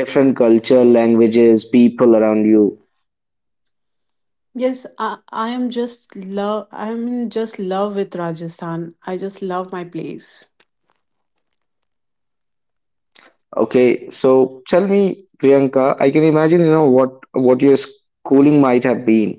different culture, languages, people around you. Yes, I am just love I'm in just love with Rajasthan. I just love my place. Okay, so tell me, Priyanka. I can imagine, you know, what your schooling might have been.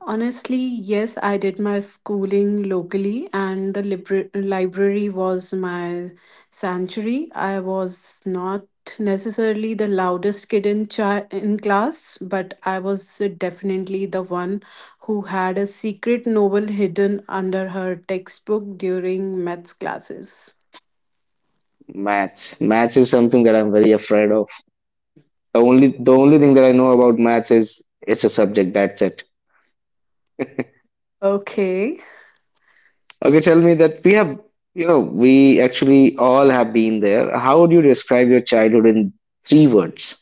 Honestly, yes, I did my schooling locally and the library was my sanctuary. I was not necessarily the loudest kid in in class, but I was definitely the one who had a secret novel hidden under her textbook during maths classes. Maths is something that I'm very afraid of. The only thing that I know about maths is it's a subject, that's it. Okay. Okay, tell me that we have, you know, we actually all have been there. How would you describe your childhood in three words?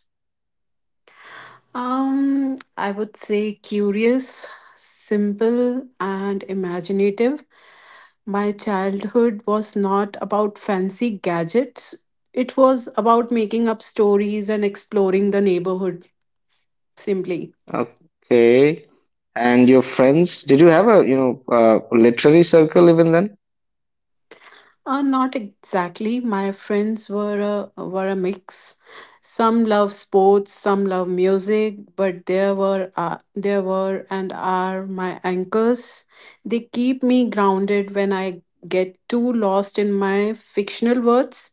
I would say curious, simple, and imaginative. My childhood was not about fancy gadgets, it was about making up stories and exploring the neighborhood simply. Okay. And your friends, did you have a, you know, literary circle even then? Not exactly. My friends were a mix. Some love sports, some love music, but there were and are my anchors. They keep me grounded when I get too lost in my fictional words.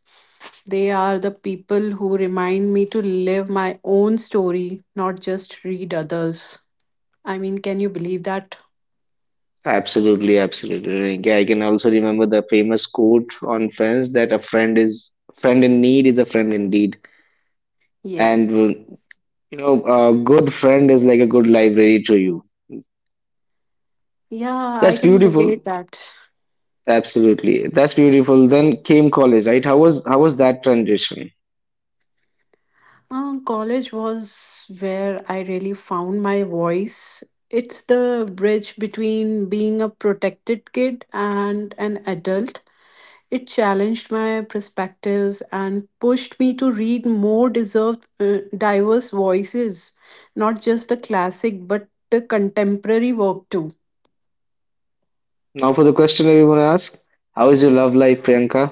They are the people who remind me to live my own story, not just read others. I mean, can you believe that? Absolutely, absolutely. Like, I can also remember the famous quote on Friends that a friend is friend in need is a friend indeed, Yes. and you know, a good friend is like a good library to you. Yeah, I That's can beautiful. relate that. Absolutely. That's beautiful. Then came college, right? How was that transition? College was where I really found my voice. It's the bridge between being a protected kid and an adult. It challenged my perspectives and pushed me to read more diverse voices, not just the classic, but the contemporary work too. Now for the question everyone asks, how is your love life, Priyanka?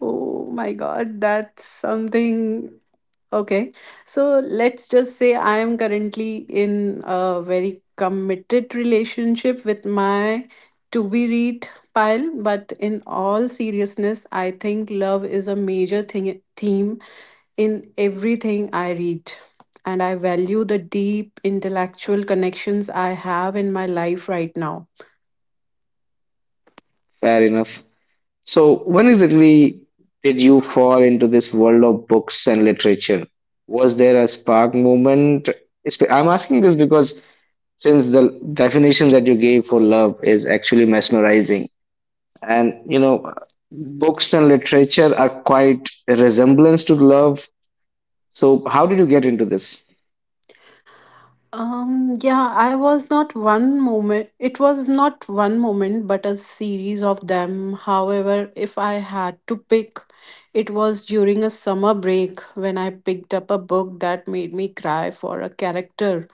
Oh my God, that's something. Okay. So let's just say I am currently in a very committed relationship with my to be read pile. But in all seriousness, I think love is a major theme in everything I read. And I value the deep intellectual connections I have in my life right now. Fair enough. So when exactly did you fall into this world of books and literature? Was there a spark moment? I'm asking this because since the definition that you gave for love is actually mesmerizing, and you know, books and literature are quite a resemblance to love. So how did you get into this? Yeah, I was not one moment, it was not one moment, but a series of them. However, if I had to pick, it was during a summer break when I picked up a book that made me cry for a character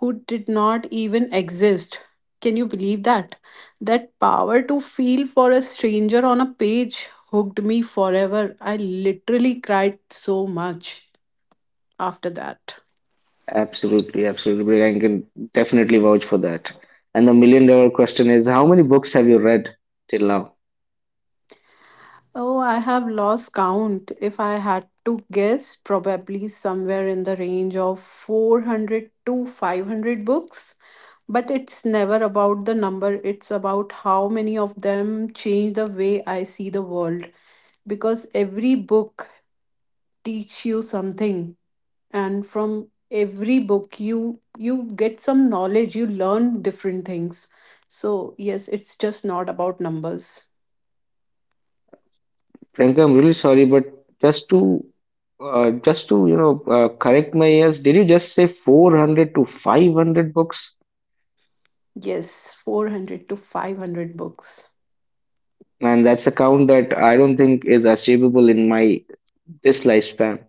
who did not even exist. Can you believe that? That power to feel for a stranger on a page hooked me forever. I literally cried so much after that. Absolutely, absolutely. I can definitely vouch for that. And the million dollar question is, how many books have you read till now? Oh, I have lost count. If I had to guess, probably somewhere in the range of 400 to 500 books. But it's never about the number, it's about how many of them change the way I see the world. Because every book teaches you something, and from every book you get some knowledge, you learn different things. So yes, it's just not about numbers. Priyanka, I'm really sorry, but just to just to correct my ears, did you just say 400 to 500 books? Yes, 400 to 500 books. Man, that's a count that I don't think is achievable in my this lifespan.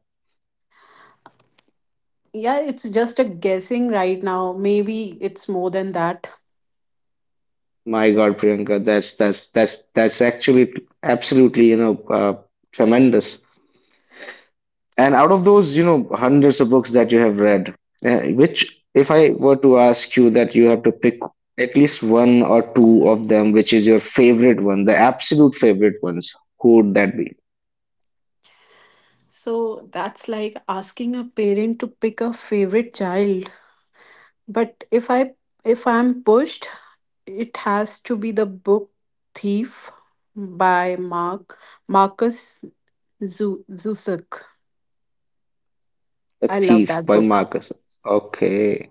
Yeah, it's just a guessing right now. Maybe it's more than that. My God, Priyanka, that's actually absolutely tremendous. And out of those, you know, hundreds of books that you have read, which, if I were to ask you that you have to pick at least one or two of them, which is your favorite one, the absolute favorite ones, who would that be? So that's like asking a parent to pick a favorite child. But if I'm pushed, it has to be the book Thief by Mark Marcus Zusak. The I love Thief that by book. Marcus. Okay.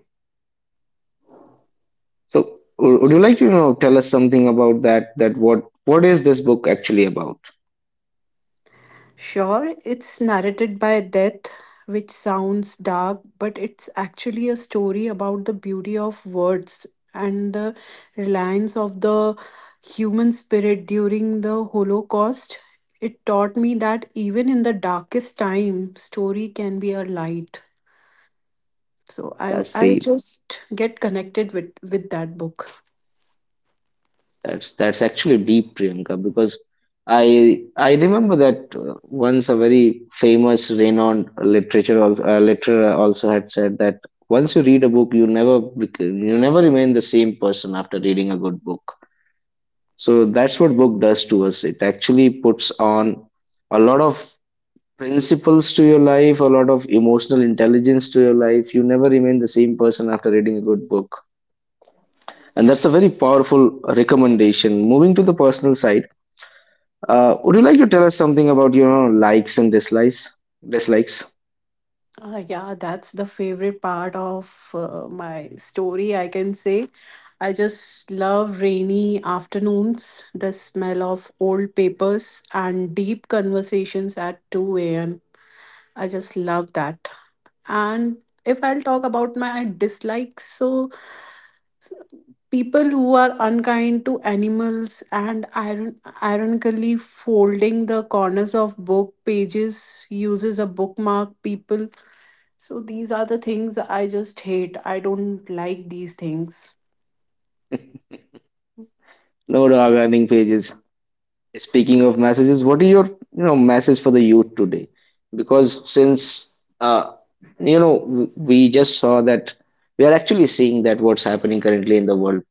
So, would you like to, you know, tell us something about that? That what is this book actually about? Sure, it's narrated by death, which sounds dark, but it's actually a story about the beauty of words and the reliance of the human spirit during the Holocaust. It taught me that even in the darkest time, story can be a light. So I That's I the just get connected with that book. That's actually deep, Priyanka, because I remember that once a very famous, renowned literature also, literator also had said that once you read a book, you never remain the same person after reading a good book. So that's what book does to us. It actually puts on a lot of principles to your life, a lot of emotional intelligence to your life. You never remain the same person after reading a good book, and that's a very powerful recommendation. Moving to the personal side. Would you like to tell us something about your likes and dislikes? Dislikes. Yeah, that's the favorite part of my story, I can say. I just love rainy afternoons, the smell of old papers, and deep conversations at 2 a.m. I just love that. And if I'll talk about my dislikes, so s- people who are unkind to animals and ironically folding the corners of book pages uses a bookmark people, so these are the things I just hate. I don't like these things. No regarding pages. Speaking of messages, what are your message for the youth today? Because since uh, we just saw that we are actually seeing that what's happening currently in the world.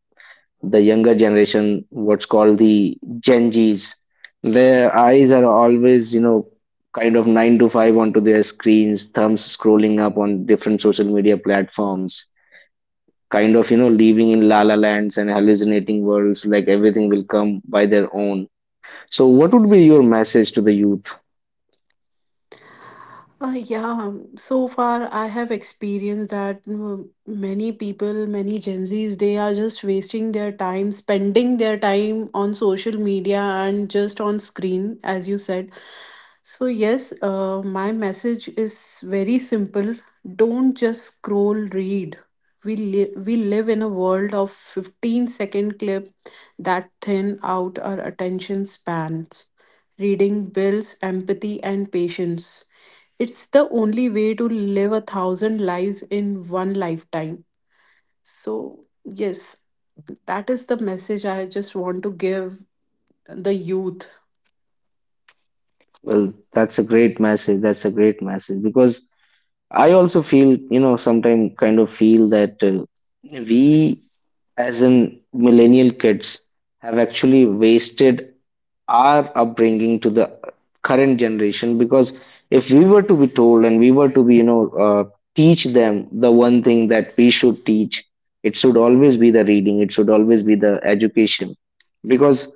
The younger generation, what's called the Gen Zs, their eyes are always, you know, kind of nine to five onto their screens, thumbs scrolling up on different social media platforms, kind of, you know, living in la la lands and hallucinating worlds like everything will come by their own. So what would be your message to the youth? Uh, yeah, so far I have experienced that many people, many Gen Zs, they are just wasting their time, spending their time on social media and just on screen, as you said. So, yes, my message is very simple. Don't just scroll, read. We live in a world of 15-second clip that thin out our attention spans. Reading builds empathy and patience, it's the only way to live a thousand lives in one lifetime. So, yes, that is the message I just want to give the youth. Well, that's a great message, that's a great message because I also feel, you know, sometimes kind of feel that, we, as in millennial kids, have actually wasted our upbringing to the current generation. Because if we were to be told and we were to be, teach them the one thing that we should teach, it should always be the reading. It should always be the education. Because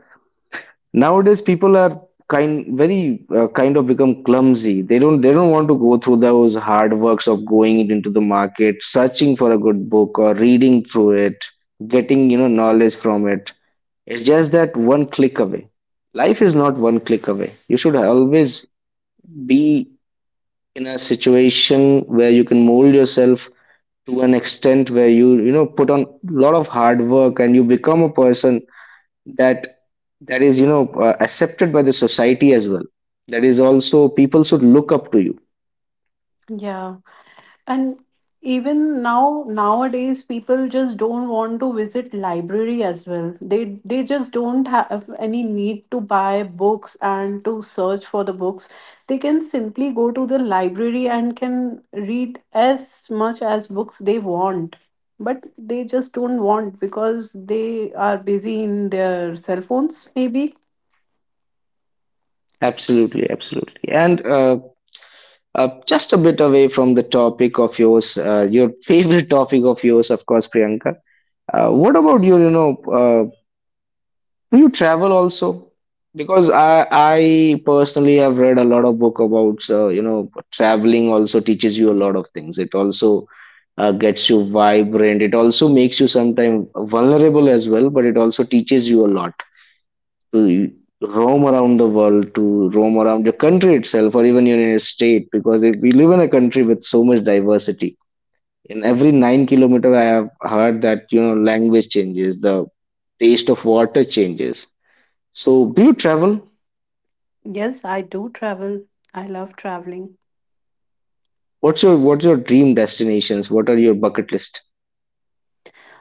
nowadays people are kind of become clumsy. They don't want to go through those hard works of going into the market, searching for a good book or reading through it, getting knowledge from it. It's just that one click away. Life is not one click away. You should always be in a situation where you can mold yourself to an extent where you know put on a lot of hard work and you become a person that that is, accepted by the society as well. That is also people should look up to you. Yeah. And even now nowadays people just don't want to visit library as well. They just don't have any need to buy books and to search for the books. They can simply go to the library and can read as much as books they want. But they just don't want because they are busy in their cell phones maybe. Absolutely, absolutely. And just a bit away from the topic of yours, your favorite topic of yours, of course, Priyanka. What about your, you know, Do you travel also? Because I personally have read a lot of book about, traveling also teaches you a lot of things. It also, gets you vibrant. It also makes you sometimes vulnerable as well, but it also teaches you a lot to roam around the world, to roam around your country itself, or even your inner state. Because if we live in a country with so much diversity, in every 9 kilometer, I have heard that, you know, language changes, the taste of water changes. So, do you travel? Yes, I do travel. I love traveling. What's your dream destinations? What are your bucket list?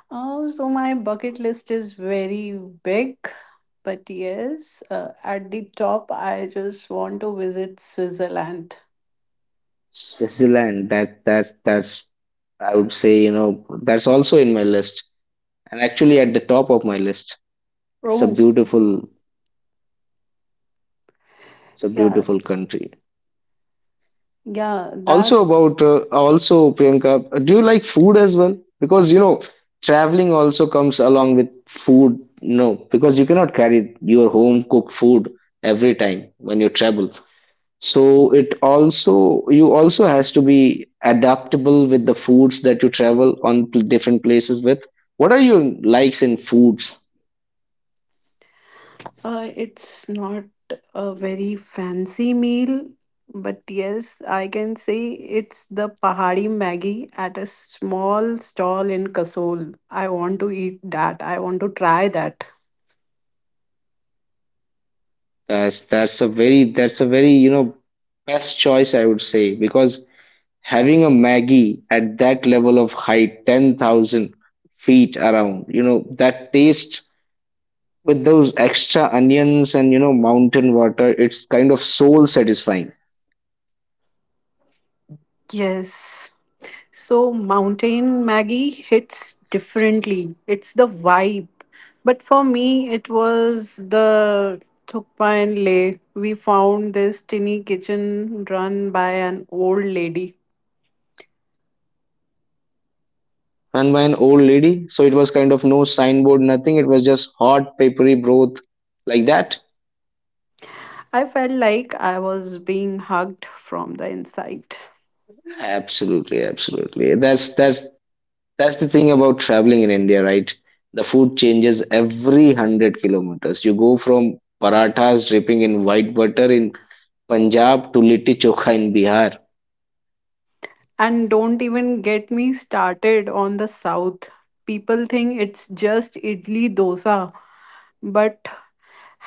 Oh, so my bucket list is very big, but yes, at the top, I just want to visit Switzerland. Switzerland. That's I would say, that's also in my list, and actually at the top of my list. It's a Oh, beautiful it's a yeah, beautiful country. yeah, Also that's about uh, also Priyanka, do you like food as well? Because, you know, traveling also comes along with food. No, because you cannot carry your home cooked food every time when you travel. So it also you also has to be adaptable with the foods that you travel on different places with. What are your likes in foods? It's not a very fancy meal, but yes, I can say it's the Pahari Maggi at a small stall in Kasol. I want to eat that. I want to try that. That's a very best choice I would say because having a Maggie at that level of height, 10,000 feet around, that taste with those extra onions and mountain water, it's kind of soul satisfying. Yes. So, Mountain Maggie hits differently. It's the vibe. But for me, it was the thukpa and leh. We found this tiny kitchen run by an old lady. Run by an old lady. So it was kind of no signboard, nothing. It was just hot, peppery broth like that. I felt like I was being hugged from the inside. Absolutely, absolutely. That's the thing about traveling in India, right? The food changes every 100 kilometers. You go from parathas dripping in white butter in Punjab to litti chokha in Bihar. And don't even get me started on the south. People think it's just idli dosa, but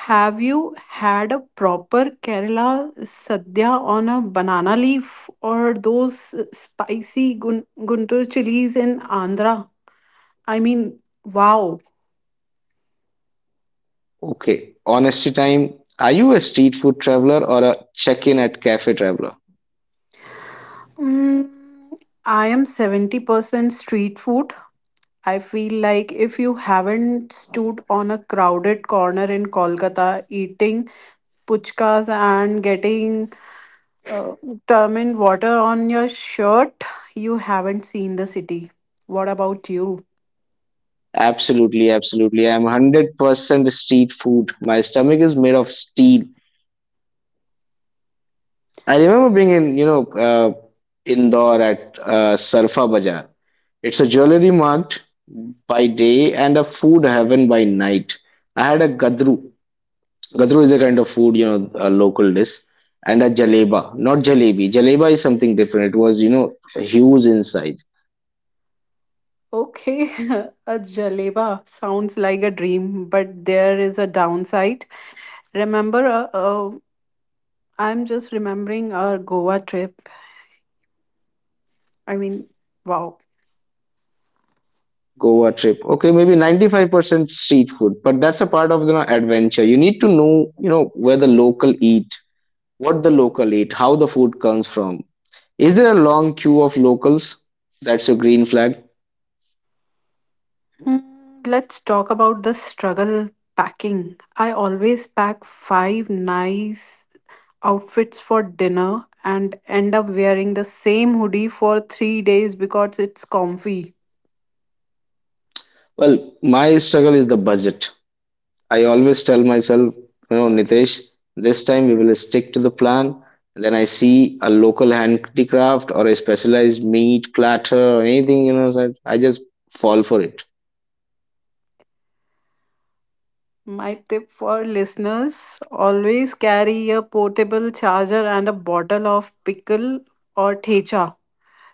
have you had a proper Kerala sadhya on a banana leaf or those spicy Guntur chilies in Andhra? I mean, wow. Okay, honesty time. Are you a street food traveler or a check-in at cafe traveler? Mm, I am 70% street food. I feel like if you haven't stood on a crowded corner in Kolkata eating puchkas and getting determined water on your shirt, you haven't seen the city. What about you? Absolutely, absolutely. I'm 100% street food. My stomach is made of steel. I remember being in, you know, Indore at Sarfa Bazaar. It's a jewelry mart by day and a food heaven by night. I had a gadru. Gadru is a kind of food, you know, a local dish, and a jaleba, not jalebi. Jaleba is something different. It was, you know, huge inside. Okay, a jaleba sounds like a dream, but there is a downside. Remember, I'm just remembering our Goa trip. I mean, wow. Goa trip. Okay, maybe 95% street food, but that's a part of the adventure. You need to know, you know, where the local eat, what the local eat, how the food comes from. Is there a long queue of locals? That's a green flag. Let's talk about the struggle packing. I always pack five nice outfits for dinner and end up wearing the same hoodie for 3 days because it's comfy. Well, my struggle is the budget. I always tell myself, you know, Nitesh, this time we will stick to the plan. Then I see a local handicraft or a specialized meat platter or anything, you know, so I just fall for it. My tip for listeners, always carry a portable charger and a bottle of pickle or thecha.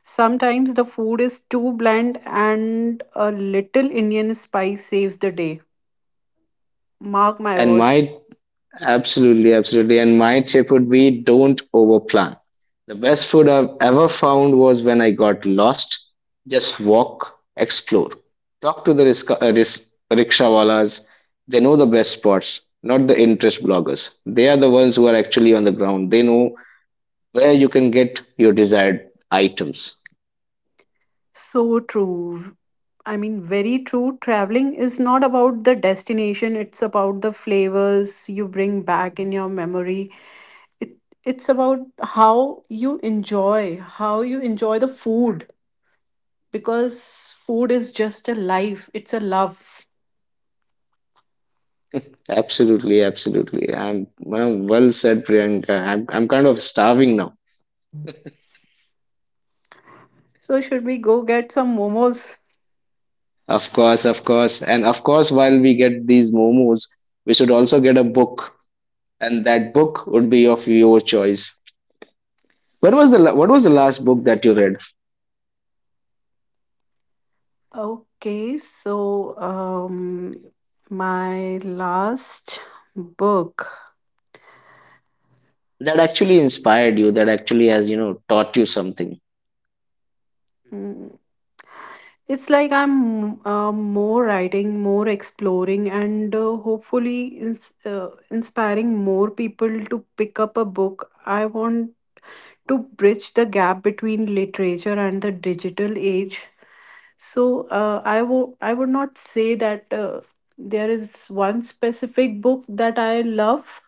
Sometimes the food is too bland and a little Indian spice saves the day. Mark my And words. my Absolutely, absolutely. And my tip would be don't overplan. The best food I've ever found was when I got lost. Just walk, explore, talk to the rickshawalas. They know the best spots, not the interest bloggers. They are the ones who are actually on the ground. They know where you can get your desired items. So true. I mean, very true. Traveling is not about the destination, it's about the flavors you bring back in your memory. It, it's about how you enjoy the food because food is just a life, it's a love. Absolutely, absolutely. I'm Well said, Priyanka. I'm kind of starving now. So, should we go get some momos? Of course, of course. And of course, while we get these momos, we should also get a book, and that book would be of your choice. What was the last book that you read Okay, so um, my last book. that actually inspired you, that actually has, you know, taught you something? Mm, It's like I'm more writing, more exploring, and hopefully ins- uh, inspiring more people to pick up a book. I want to bridge the gap between literature and the digital age. So I would not say that there is one specific book that I love,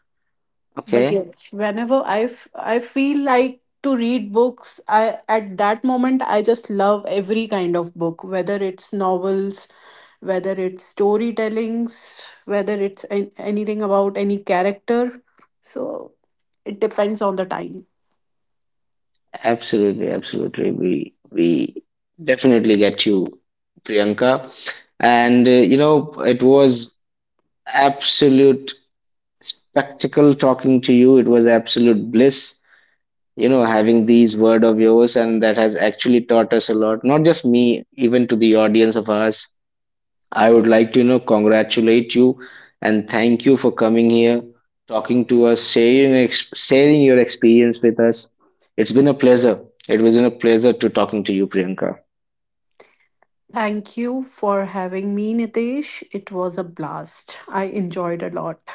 but Okay. yes, whenever I feel like to read books, I at that moment I just love every kind of book, whether it's novels, whether it's storytellings, whether it's anything about any character. So it depends on the time. Absolutely, absolutely. We definitely get you, Priyanka. And it was absolute spectacle talking to you. It was absolute bliss. Having these word of yours and that has actually taught us a lot, not just me, even to the audience of us. I would like to, congratulate you and thank you for coming here, talking to us, sharing sharing your experience with us. It's been a pleasure. It was been a pleasure to talking to you, Priyanka. Thank you for having me, Nitesh. It was a blast. I enjoyed a lot.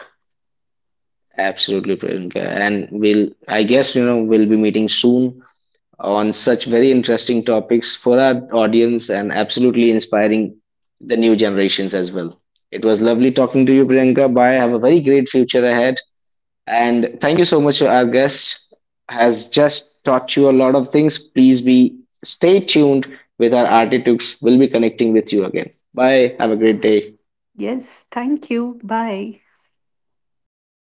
Absolutely, Priyanka. And we'll I guess, we'll be meeting soon on such very interesting topics for our audience and absolutely inspiring the new generations as well. It was lovely talking to you, Priyanka. Bye. Have a very great future ahead. And thank you so much. Our guest has just taught you a lot of things. Please be stay tuned with our Artitux. We'll be connecting with you again. Bye. Have a great day. Yes, thank you. Bye.